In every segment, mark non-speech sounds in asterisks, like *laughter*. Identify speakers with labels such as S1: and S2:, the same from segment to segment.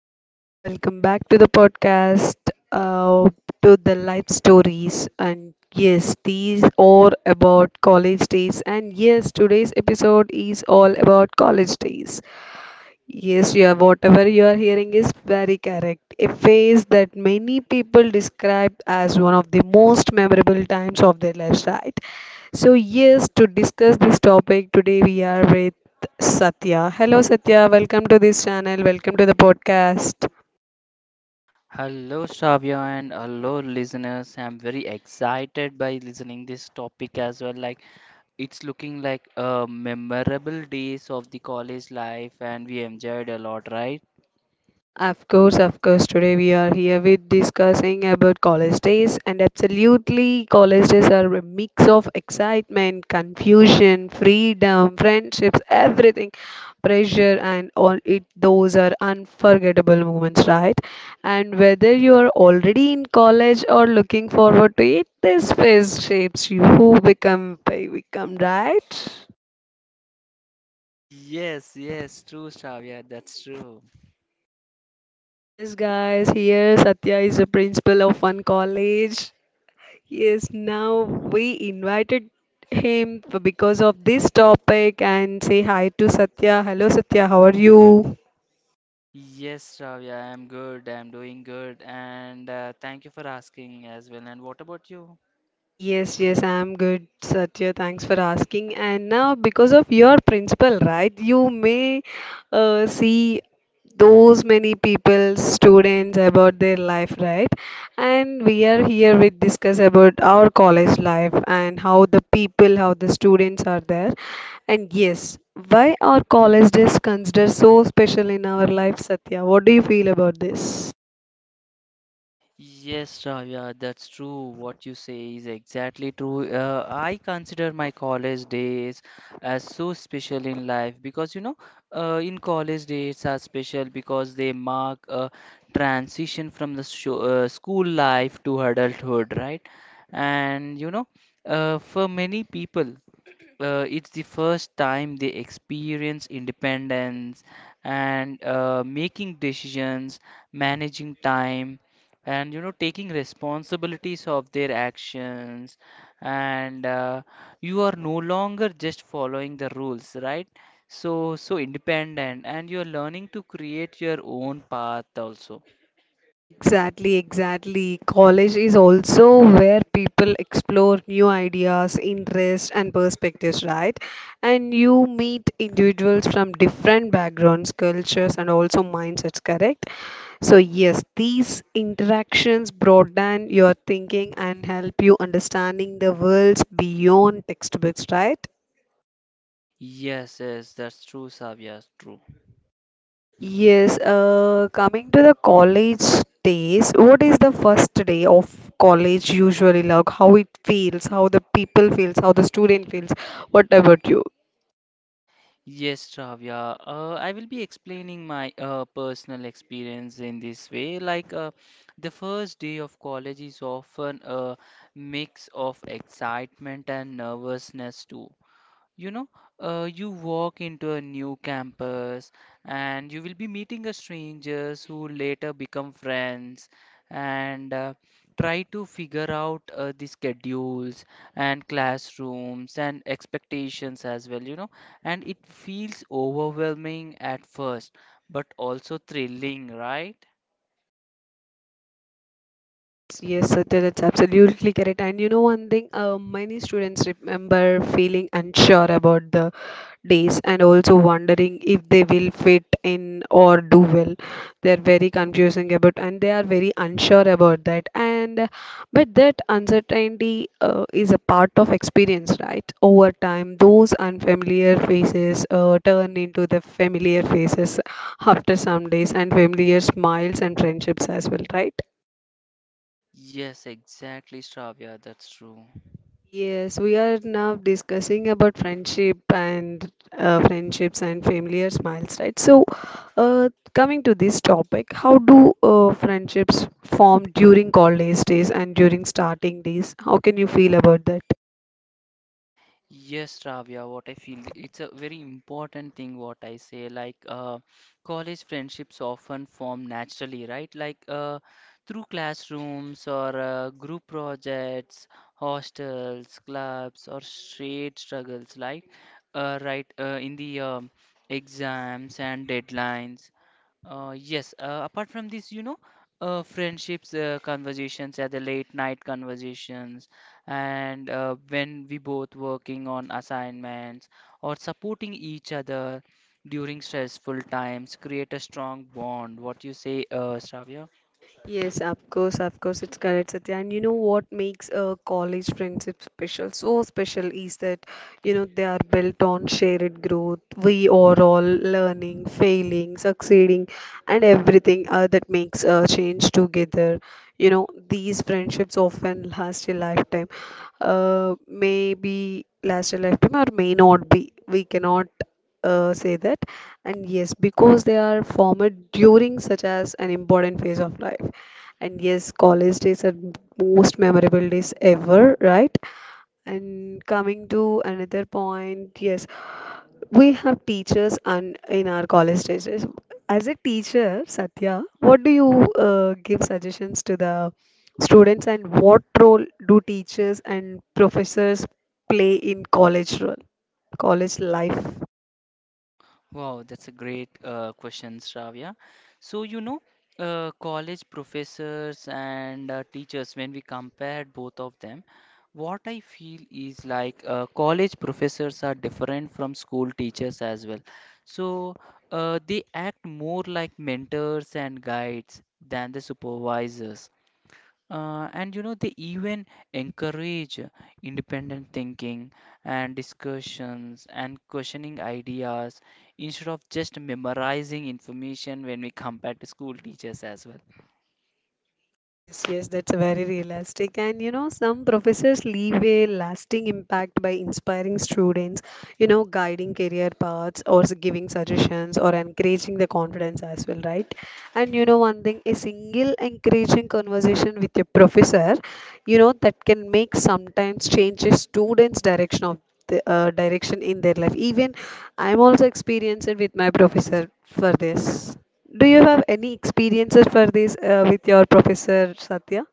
S1: welcome, welcome back to the podcast, uh, to the life stories. And yes, these are about college days. And yes, today's episode is all about college days. Yes, you are, whatever you are hearing is very correct. A phase that many people describe as one of the most memorable times of their lives, right? So, yes, to discuss this topic today, we are with Satya. Hello, Satya. Welcome to this channel. Welcome to the podcast.
S2: Hello Shravya and hello listeners. I'm very excited by listening this topic as well. Like it's looking like a memorable days of the college life and we enjoyed a lot, right?
S1: Of course, of course. Today we are here with discussing about college days, and absolutely, college days are a mix of excitement, confusion, freedom, friendships, everything, pressure, and all it. Those are unforgettable moments, right? And whether you are already in college or looking forward to it, this phase shapes you who become we become, right?
S2: Yes, yes, true Shravya, that's true.
S1: Yes, guys. Here, Satya is the principal of one college. Yes, now we invited him because of this topic and say hi to Satya. Hello, Satya, how are you?
S2: Yes Shravya, I'm good. I'm doing good and thank you for asking as well. And what about you?
S1: Yes, yes, I'm good, Satya. Thanks for asking. And now, because of your principle, right, you may see those many people, students, about their life, right? And we are here with discuss about our college life and how the people, how the students are there. And yes, why are college days considered so special in our life, Satya? What do you feel about this?
S2: Yes, Ravya, that's true. What you say is exactly true. I consider my college days as so special in life because in college days are special because they mark a transition from the sho school life to adulthood, right? And for many people, it's the first time they experience independence and making decisions, managing time and you know taking responsibilities of their actions and you are no longer just following the rules, right? So independent, and you are learning to create your own path also.
S1: Exactly, exactly. College is also where people explore new ideas, interests, and perspectives, right? And you meet individuals from different backgrounds, cultures, and also mindsets, correct? So, yes, these interactions broaden your thinking and help you understanding the worlds beyond textbooks, right?
S2: Yes, yes, that's true Savya, true.
S1: Yes, coming to the college days, what is the first day of college usually like? How it feels, how the people feels, how the student feels. What about you?
S2: Yes Savya, I will be explaining my personal experience in this way, like the first day of college is often a mix of excitement and nervousness too. You know, you walk into a new campus and you will be meeting a strangers who later become friends and try to figure out the schedules and classrooms and expectations as well, you know. And it feels overwhelming at first, but also thrilling, right?
S1: Yes, yes, Satya, that's absolutely correct. And you know one thing, many students remember feeling unsure about the days and also wondering if they will fit in or do well. They're very confusing about and they are very unsure about that. And But that uncertainty is a part of experience, right? Over time, those unfamiliar faces turn into the familiar faces after some days and familiar smiles and friendships as well, right?
S2: Yes, exactly, Shravya, that's true.
S1: Yes, we are now discussing about friendship and friendships and familiar smiles, right? So, coming to this topic, how do friendships form during college days and during starting days? How can you feel about that?
S2: Yes, Ravya, what I feel it's a very important thing what I say, like college friendships often form naturally, right? Like through classrooms or group projects, hostels, clubs, or shared struggles like right in the exams and deadlines. Yes, Apart from this, you know, friendships, conversations at the late night conversations, and when we both working on assignments or supporting each other during stressful times, create a strong bond. What you say, Shravya?
S1: Yes, of course, it's correct, Satya. And you know what makes a college friendship special? So special is that, you know, they are built on shared growth. We are all learning, failing, succeeding, and everything that makes a change together. You know, these friendships often last a lifetime. Maybe last a lifetime or may not be. We cannot say that, and yes, because they are formed during such as an important phase of life, and yes, college days are most memorable days ever, right? And coming to another point, yes, we have teachers and in our college days. Yes, as a teacher, Satya, what do you give suggestions to the students, and what role do teachers and professors play in college role college life?
S2: Wow, that's a great question, Shravya. So, you know, college professors and teachers, when we compared both of them, what I feel is like college professors are different from school teachers as well. So, they act more like mentors and guides than the supervisors, and you know, they even encourage independent thinking and discussions and questioning ideas instead of just memorizing information when we come back to school teachers as well.
S1: Yes, yes, that's very realistic. And you know, some professors leave a lasting impact by inspiring students, you know, guiding career paths or giving suggestions or encouraging the confidence as well, right? And you know, one thing, a single encouraging conversation with your professor, you know, that can make sometimes change a student's direction of the direction in their life. Even I'm also experienced it with my professor for this. Do you have any experiences for this with your professor, Satya?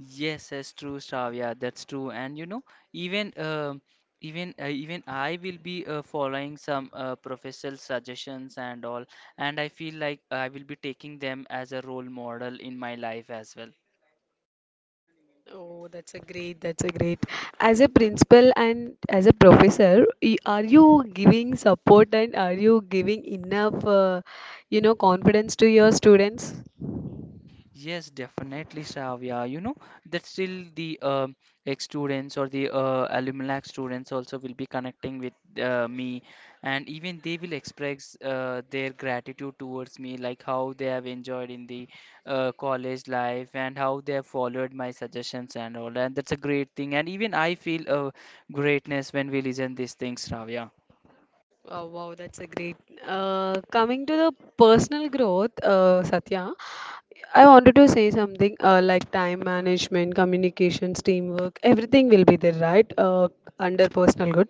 S2: Yes, that's true, Shravya. That's true. And you know, even um even I will be following some professor's suggestions and all, and I feel like I will be taking them as a role model in my life as well.
S1: Oh, that's a great, that's a great. As a principal and as a professor, are you giving support and are you giving enough, you know, confidence to your students?
S2: Yes, definitely, Savya. You know that still the ex students or the alumni students also will be connecting with me, and even they will express their gratitude towards me, like how they have enjoyed in the college life and how they have followed my suggestions and all. And that's a great thing. And even I feel greatness when we listen these things, Savya.
S1: Oh, wow, that's a great. Coming to the personal growth, Satya, I wanted to say something like time management, communications, teamwork, everything will be there, right? Under personal growth.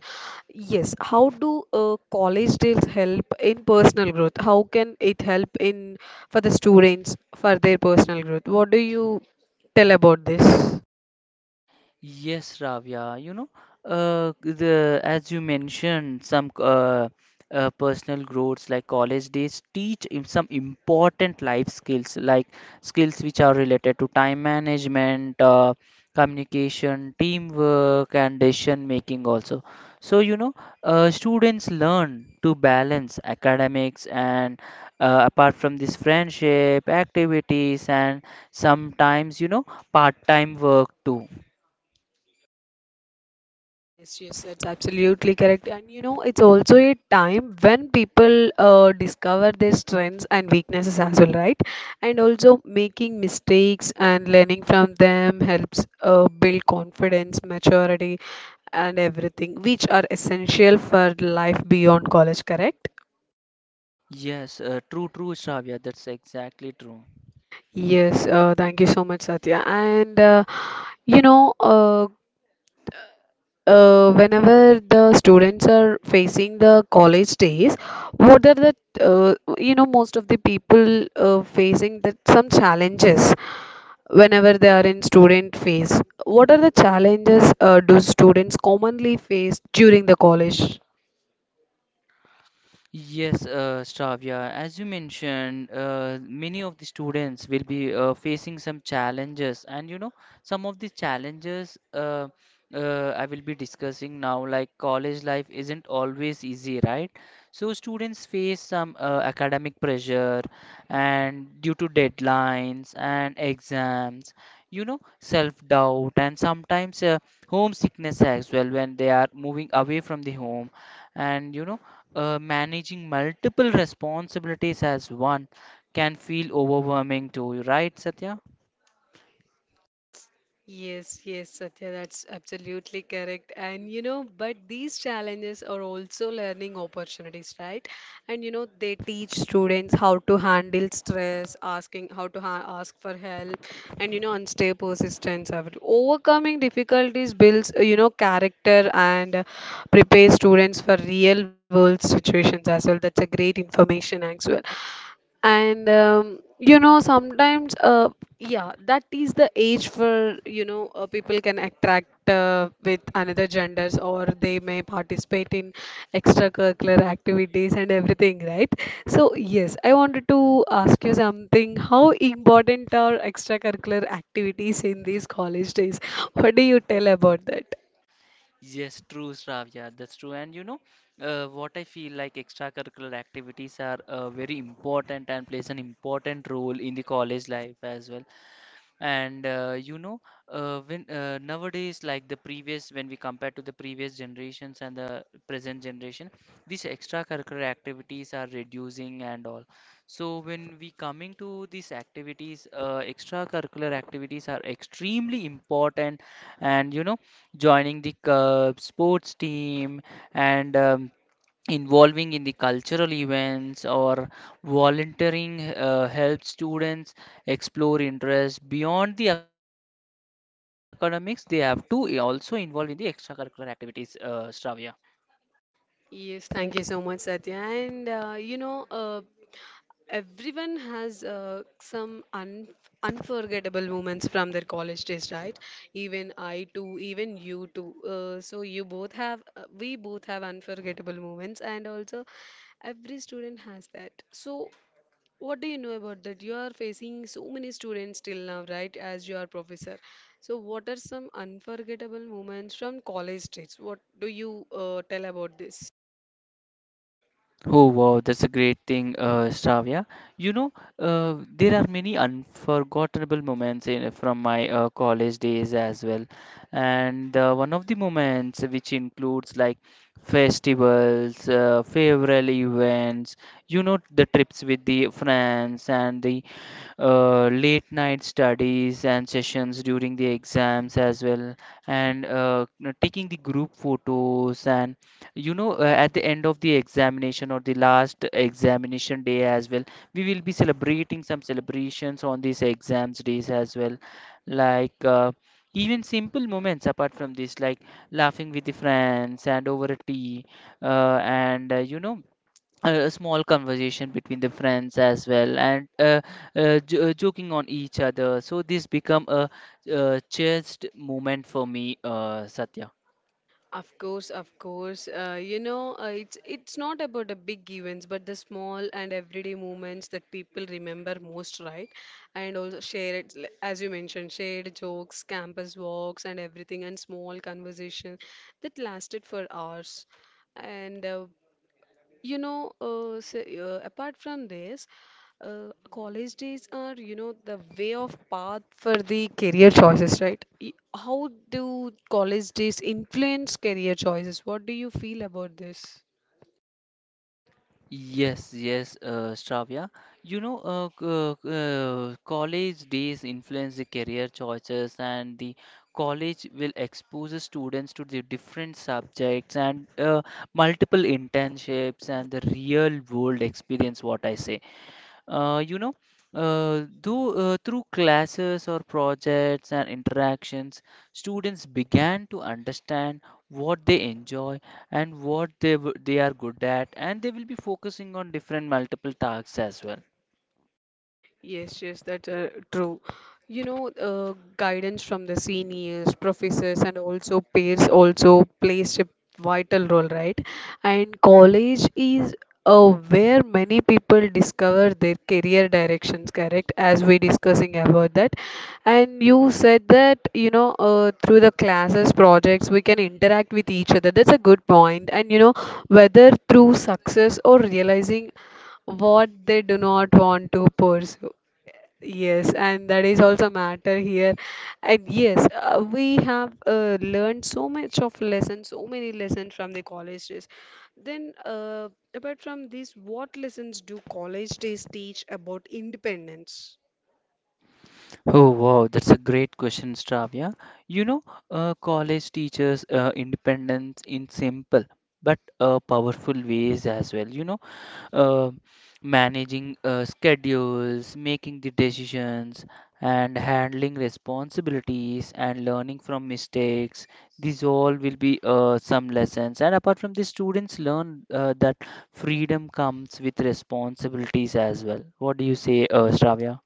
S1: Yes. How do college days help in personal growth? How can it help in for the students for their personal growth? What do you tell about this?
S2: Yes, Ravya, you know, the as you mentioned, some personal growths like college days teach some important life skills, like skills which are related to time management, communication, teamwork, and decision making also. So, you know, students learn to balance academics and, apart from this, friendship, activities, and sometimes, you know, part-time work too.
S1: Yes, yes, that's absolutely correct. And you know, it's also a time when people discover their strengths and weaknesses as well, right? And also making mistakes and learning from them helps build confidence, maturity, and everything, which are essential for life beyond college, correct?
S2: Yes, true, true, Shravya. That's exactly true.
S1: Yes, thank you so much, Satya. And you know, uh, whenever the students are facing the college days, what are the you know, most of the people facing that some challenges whenever they are in student phase. What are the challenges do students commonly face during the college?
S2: Yes, Shravya, as you mentioned, many of the students will be facing some challenges, and you know, some of the challenges I will be discussing now, like college life isn't always easy, right? So, students face some academic pressure, and due to deadlines and exams, you know, self-doubt, and sometimes homesickness as well when they are moving away from the home, and you know managing multiple responsibilities as one can feel overwhelming to you, right, Satya?
S1: Yes, yes, Satya, that's absolutely correct. And you know, but these challenges are also learning opportunities, right? And you know, they teach students how to handle stress, asking how to ha ask for help, and you know, and stay persistent. So, overcoming difficulties builds, you know, character and prepares students for real world situations as well. That's a great information as well. And you know, sometimes, yeah, that is the age for, you know, people can attract with another genders or they may participate in extracurricular activities and everything, right? So, yes, I wanted to ask you something. How important are extracurricular activities in these college days? What do you tell about that?
S2: Yes, true, Shravya. That's true. And you know, what I feel like extracurricular activities are very important and plays an important role in the college life as well. And you know, when nowadays, like the previous, when we compare to the previous generations and the present generation, these extracurricular activities are reducing and all. So when we coming to these activities, extracurricular activities are extremely important, and you know, joining the sports team and involving in the cultural events or volunteering helps students explore interests beyond the academics. They have to also involve in the extracurricular activities, Shravya.
S1: Yes, thank you so much, Satya. And everyone has some un unforgettable moments from their college days, right? Even I too, even you too. So you both have, we both have unforgettable moments, and also every student has that. So what do you know about that? You are facing so many students till now, right? As your professor. So what are some unforgettable moments from college days? What do you tell about this?
S2: Oh wow, that's a great thing, Shravya. You know, there are many unforgettable moments in, from my college days as well, and one of the moments which includes like festivals, favorable events, you know, the trips with the friends and the late night studies and sessions during the exams as well, and you know, taking the group photos. And you know, at the end of the examination or the last examination day as well, we will be celebrating some celebrations on these exams days as well, like. Even simple moments apart from this, like laughing with the friends and over a tea, and you know, a small conversation between the friends as well, and joking on each other, so this become a cherished moment for me, Satya.
S1: Of course, of course. You know, it's not about the big events, but the small and everyday moments that people remember most, right? And also share it, as you mentioned, shared jokes, campus walks, and everything, and small conversation that lasted for hours. And you know, so, Apart from this, college days are, you know, the way of path for the career choices, right? How do college days influence career choices? What do you feel about this?
S2: Yes, yes, Shravya, you know, college days influence the career choices, and the college will expose the students to the different subjects and multiple internships and the real world experience, what I say. You know, through classes or projects and interactions, students began to understand what they enjoy and what they are good at, and they will be focusing on different multiple tasks as well.
S1: Yes, yes, that's true. You know, guidance from the seniors, professors, and also peers also plays a vital role, right? And college is where many people discover their career directions, correct? As we discussing about that. And you said that, you know, through the classes, projects, we can interact with each other. That's a good point. And, you know, whether through success or realizing what they do not want to pursue. Yes, and that is also matter here. And yes, we have learned so much of lessons, so many lessons from the college days. Then, apart from this, what lessons do college days teach about independence?
S2: Oh, wow, that's a great question, Stravya. You know, college teaches independence in simple but powerful ways as well. You know, uh, managing schedules, making the decisions, and handling responsibilities and learning from mistakes. These all will be some lessons. And apart from this, students learn that freedom comes with responsibilities as well. What do you say, Shravya?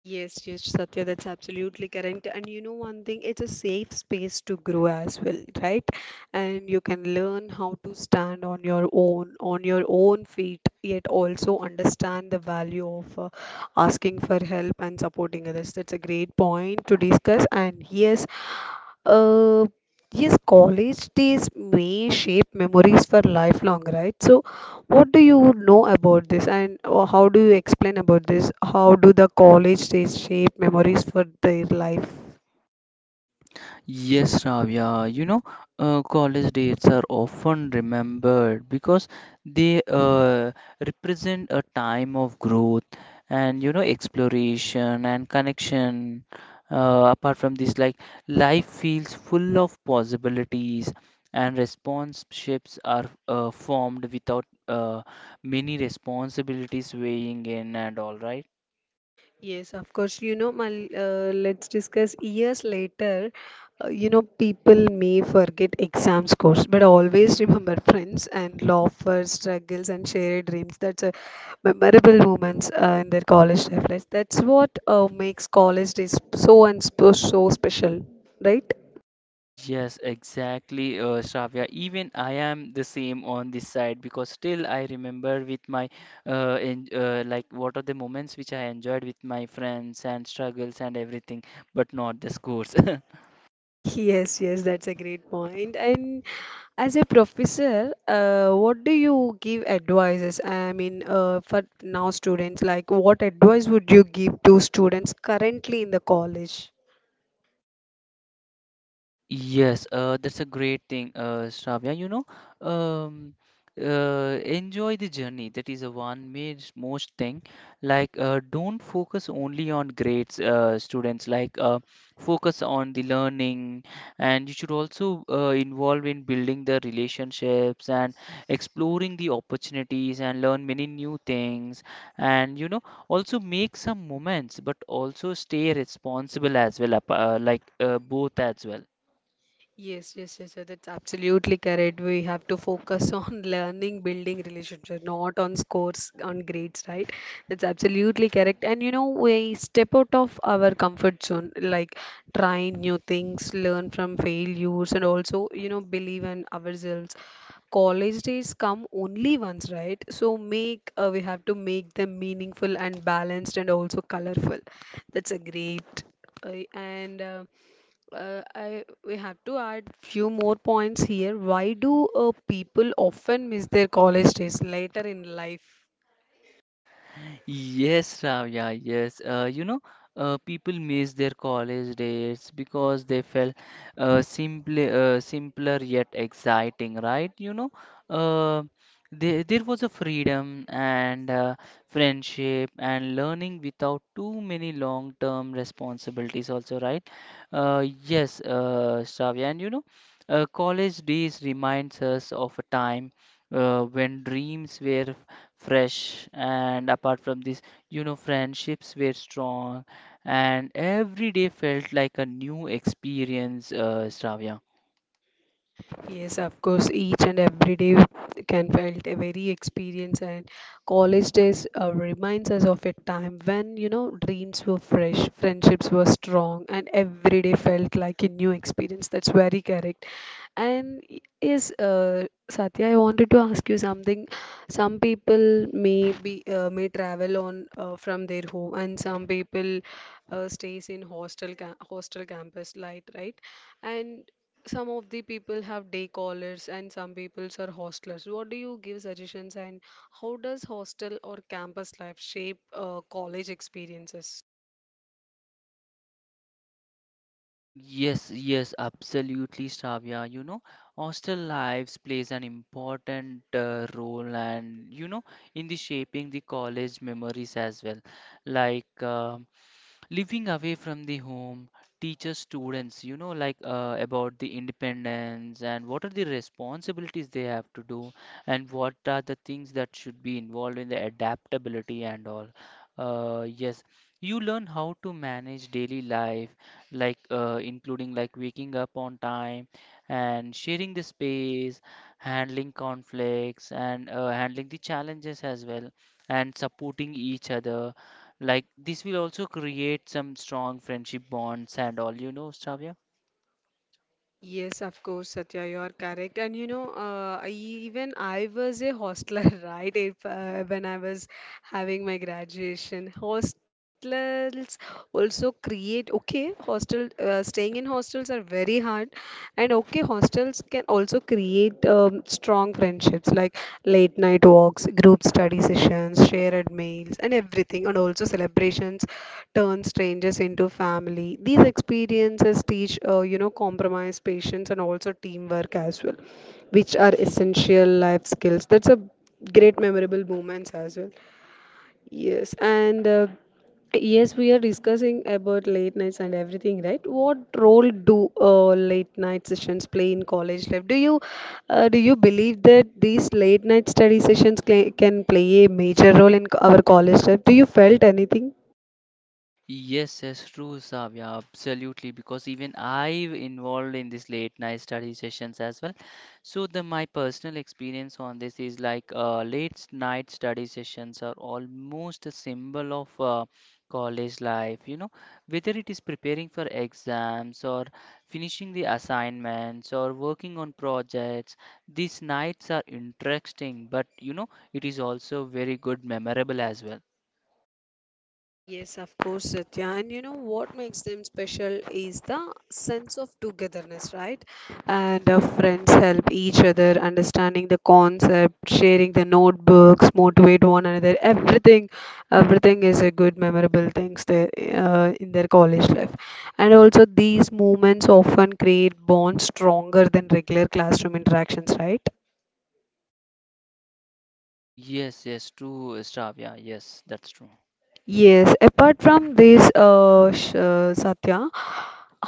S1: Yes, yes, Satya, that's absolutely correct. And you know, one thing, it's a safe space to grow as well, right? And you can learn how to stand on your own feet, yet also understand the value of asking for help and supporting others. That's a great point to discuss. And yes, uh, yes, college days may shape memories for lifelong, right? So, what do you know about this, and how do you explain about this? How do the college days shape memories for their life?
S2: Yes, Ravya, you know, college dates are often remembered because they represent a time of growth and, you know, exploration and connection. Apart from this, like life feels full of possibilities and responsionships are formed without many responsibilities weighing in and all, right?
S1: Yes, of course. You know, Mal, let's discuss years later. You know, people may forget exam scores, but always remember *laughs* friends and laughter, struggles, and shared dreams. That's a memorable moments in their college life. Like, that's what makes college days so and so so special, right?
S2: Yes, exactly, Shravya. Even I am the same on this side because still I remember with my like what are the moments which I enjoyed with my friends and struggles and everything, but not the scores. *laughs*
S1: Yes, yes, that's a great point. And as a professor, what do you give advices? I mean, for now students, like what advice would you give to students currently in the college?
S2: Yes, that's a great thing, Shravya. You know, um, enjoy the journey. That is a one most thing. Like, don't focus only on grades, students. Like, focus on the learning, and you should also involve in building the relationships and exploring the opportunities and learn many new things. And you know, also make some moments, but also stay responsible as well, like both as well.
S1: Yes, yes, yes, sir. That's absolutely correct. We have to focus on *laughs* learning, building relationships, not on scores, on grades, right? That's absolutely correct. And you know, we step out of our comfort zone, like try new things, learn from failures, and also, you know, believe in ourselves. College days come only once, right? So make we have to make them meaningful and balanced and also colorful. That's a great. And I we have to add few more points here. Why do people often miss their college days later in life?
S2: Yes, Ravya, yes. You know, people miss their college days because they felt simply simpler yet exciting, right? You know, uh, there was a freedom and friendship and learning without too many long-term responsibilities also, right? Yes, Shravya, and you know, college days reminds us of a time when dreams were fresh, and apart from this, you know, friendships were strong, and every day felt like a new experience, Shravya.
S1: Yes, of course, each and every day can felt a very experience and college days reminds us of a time when, you know, dreams were fresh, friendships were strong, and every day felt like a new experience. That's very correct. Yes, Satya, I wanted to ask you something. Some people may be may travel on from their home, and some people stays in hostel campus light, right? And some of the people have day callers and some peoples are hostlers. What do you give suggestions and how does hostel or campus life shape college experiences?
S2: Yes, yes, absolutely, Shravya. You know, hostel lives plays an important role, and you know, in the shaping the college memories as well. Like, living away from the home teaches students, you know, like about the independence and what are the responsibilities they have to do and what are the things that should be involved in the adaptability and all. Yes, you learn how to manage daily life, like including like waking up on time and sharing the space, handling conflicts and handling the challenges as well and supporting each other. Like this will also create some strong friendship bonds and all, you know, Shravya.
S1: Yes, of course, Satya, you are correct. And you know, even I was a hostler, *laughs* right? If, when I was having my graduation, hostels also create. Okay, hostel staying in hostels are very hard, and okay, hostels can also create strong friendships. Like late night walks, group study sessions, shared meals, and everything, and also celebrations turn strangers into family. These experiences teach, you know, compromise, patience, and also teamwork as well, which are essential life skills. That's a great memorable moments as well. Yes, and uh, yes, we are discussing about late nights and everything, right? What role do late night sessions play in college life? Do you believe that these late night study sessions cla can play a major role in our college life? Do you felt anything?
S2: Yes, yes, true, Savya, absolutely. Because even I have involved in these late night study sessions as well. So the my personal experience on this is like late night study sessions are almost a symbol of college life. You know, whether it is preparing for exams or finishing the assignments or working on projects, these nights are interesting. But you know, it is also very good, memorable as well.
S1: Yes, of course, Satya. And you know what makes them special is the sense of togetherness, right? And friends help each other understanding the concept, sharing the notebooks, motivate one another. Everything is a good memorable things there in their college life. And also, these moments often create bonds stronger than regular classroom interactions, right?
S2: Yes, yes, true, Stravia. Yes, that's true.
S1: Yes, apart from this, Satya,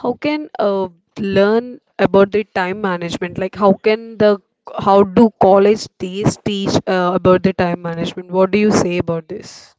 S1: how can learn about the time management? Like how can the how do college days teach about the time management? What do you say about this?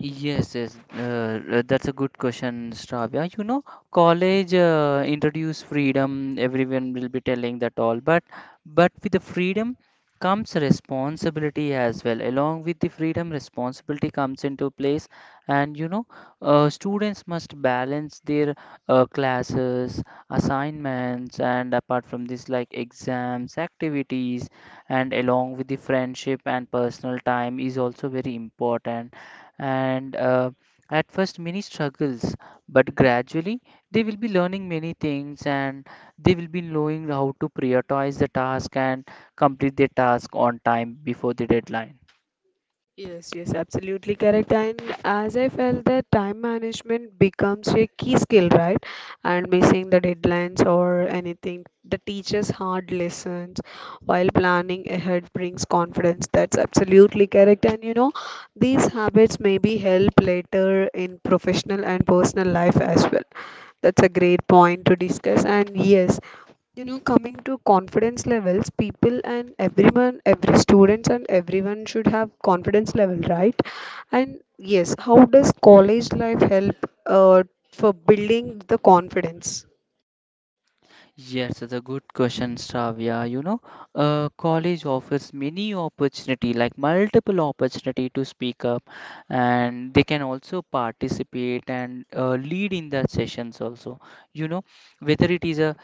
S2: Yes, yes, that's a good question, Shravya. You know, college introduce freedom. Everyone will be telling that all, but with the freedom comes responsibility as well. Along with the freedom, responsibility comes into place, and students must balance their classes, assignments, and apart from this, like exams, activities, and along with the friendship and personal time is also very important and at first many struggles, but gradually they will be learning many things and they will be knowing how to prioritize the task and complete their task on time before the deadline.
S1: Yes, yes, absolutely correct. And as I felt that time management becomes a key skill, right? And missing the deadlines or anything that teaches hard lessons while planning ahead brings confidence. That's absolutely correct. And you know, these habits maybe help later in professional and personal life as well. That's a great point to discuss. And yes, you know, coming to confidence levels, people and everyone, every students and everyone should have confidence level, right? And yes, how does college life help uh, for building the confidence?
S2: Yes, that's a good question, Shravya. College offers many opportunity, like multiple opportunity to speak up, and they can also participate and lead in the sessions also. You know, whether it is a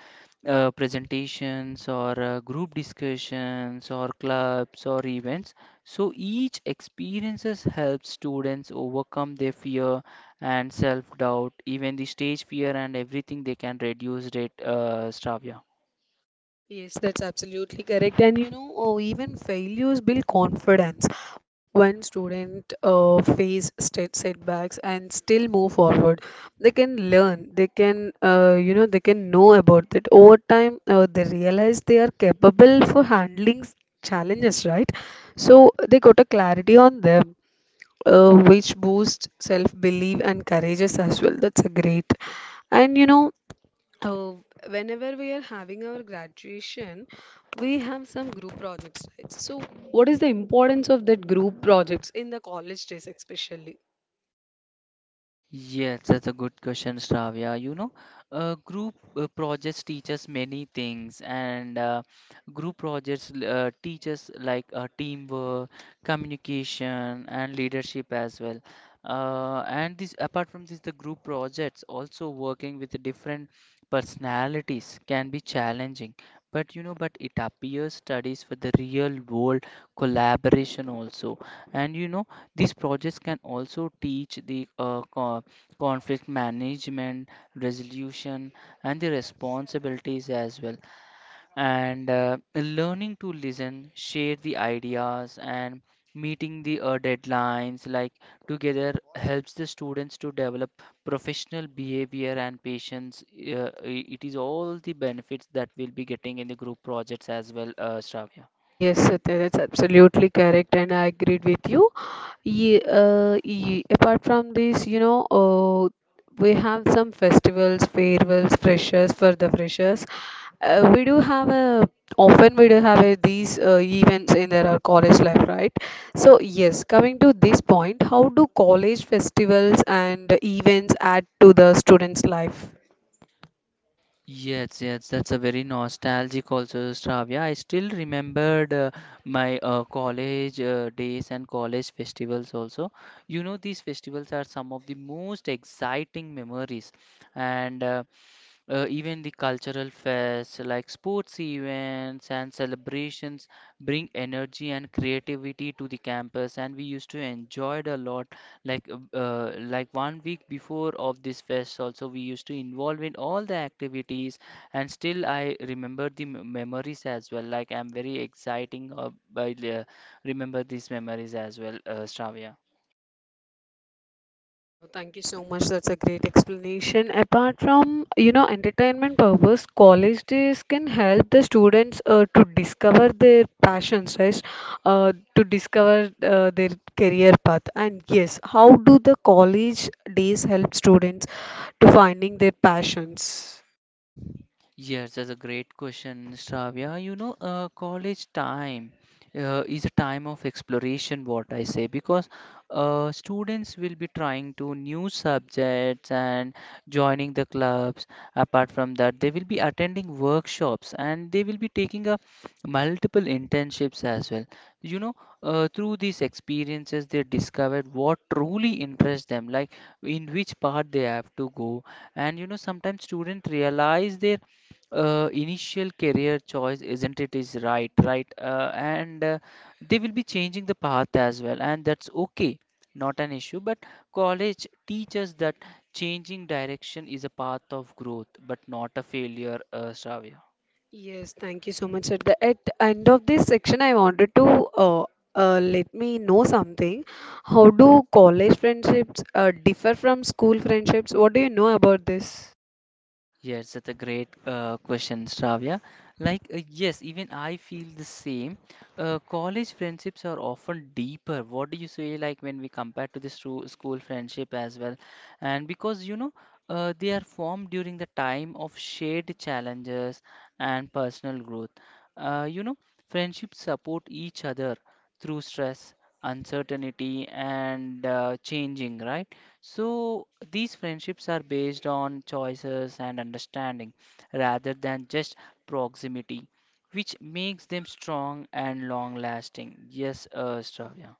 S2: presentations or group discussions or clubs or events. So each experiences helps students overcome their fear and self-doubt, even the stage fear and everything they can reduce it, Stravya.
S1: Yes, that's absolutely correct. And you know, oh, even failures build confidence when student face state setbacks and still move forward. They can learn, they can, you know, they can know about it. Over time, they realize they are capable for handling challenges, right? So they got a clarity on them. Which boosts self-belief and courageous as well. That's a great. And you know, uh, whenever we are having our graduation, we have some group projects, right? So, what is the importance of that group projects in the college days, especially?
S2: Yes, that's a good question, Shravya. Group projects teach us many things, and group projects teach us like teamwork, communication, and leadership as well. And this, apart from this, the group projects also working with different personalities can be challenging. But you know, but it appears studies for the real world collaboration also. And you know, these projects can also teach the conflict management, resolution, and the responsibilities as well. And learning to listen, share the ideas, and meeting the deadlines like together helps the students to develop professional behavior and patience. It is all the benefits that we'll be getting in the group projects as well, Shravya.
S1: Yes, Satya, that's absolutely correct, and I agreed with you. Apart from this, you know, we have some festivals, farewells, freshers for the freshers, we do have a often we do have a, these events in their college life, right? So yes, coming to this point, how do college festivals and events add to the students life?
S2: Yes, yes, that's a very nostalgic also, Shravya. I still remembered my college days and college festivals also. You know, these festivals are some of the most exciting memories, and even the cultural fairs, like sports events and celebrations, bring energy and creativity to the campus. And we used to enjoy it a lot. Like one week before of this fest, also we used to involve in all the activities. And still, I remember the memories as well. Like I'm very exciting remember these memories as well, Shravya.
S1: Wow, thank you so much. That's a great explanation. Apart from, you know, entertainment purpose, college days can help the students to discover their passions, right? To discover their career path. And yes, how do the college days help students to finding their passions?
S2: Yes, that's a great question, Shravya. College time is a time of exploration, what I say, because students will be trying to new subjects and joining the clubs. Apart from that, they will be attending workshops and they will be taking up multiple internships as well. You know, through these experiences, they discovered what truly interests them, like in which part they have to go. And you know, sometimes students realize their initial career choice isn't it is right and they will be changing the path as well, and that's okay, not an issue, but college teaches that changing direction is a path of growth but not a failure, Shravya.
S1: Yes, thank you so much. At the end of this section, I wanted to uh, let me know something. How do college friendships differ from school friendships? What do you know about this?
S2: Yes, that's a great question, Shravya. Like, yes, even I feel the same. College friendships are often deeper. What do you say, like, when we compare to this to school friendship as well? And because, they are formed during the time of shared challenges and personal growth. Uh, you know, friendships support each other through stress, uncertainty, and changing, right? So these friendships are based on choices and understanding rather than just proximity, which makes them strong and long lasting. Yes, Stravya.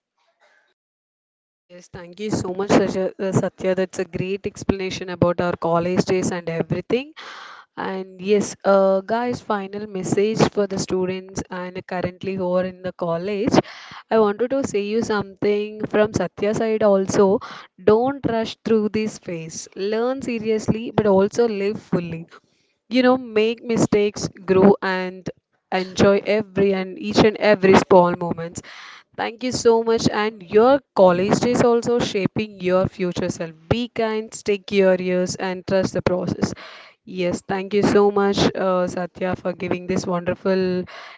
S1: Yes, thank you so much, Satya. That's a great explanation about our college days and everything. And yes, guys, final message for the students and currently who are in the college. I wanted to say you something from Satya side also. Don't rush through this phase. Learn seriously, but also live fully. You know, make mistakes, grow, and enjoy every and each and every small moments. Thank you so much. And your college days also shaping your future self. Be kind, stay curious, and trust the process. Yes, thank you so much, Satya, for giving this wonderful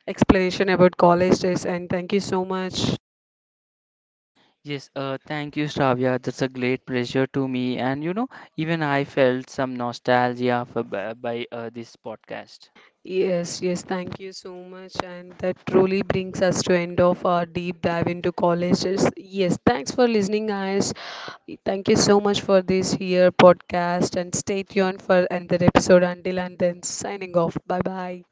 S1: explanation about college days, and thank you so much.
S2: Yes, thank you, Stravya. That's a great pleasure to me. And you know, even I felt some nostalgia by this podcast.
S1: Yes, yes, thank you so much. And that truly brings us to end of our deep dive into colleges. Yes, thanks for listening, guys. Thank you so much for this here podcast and stay tuned for another episode. Until and then, signing off. Bye bye.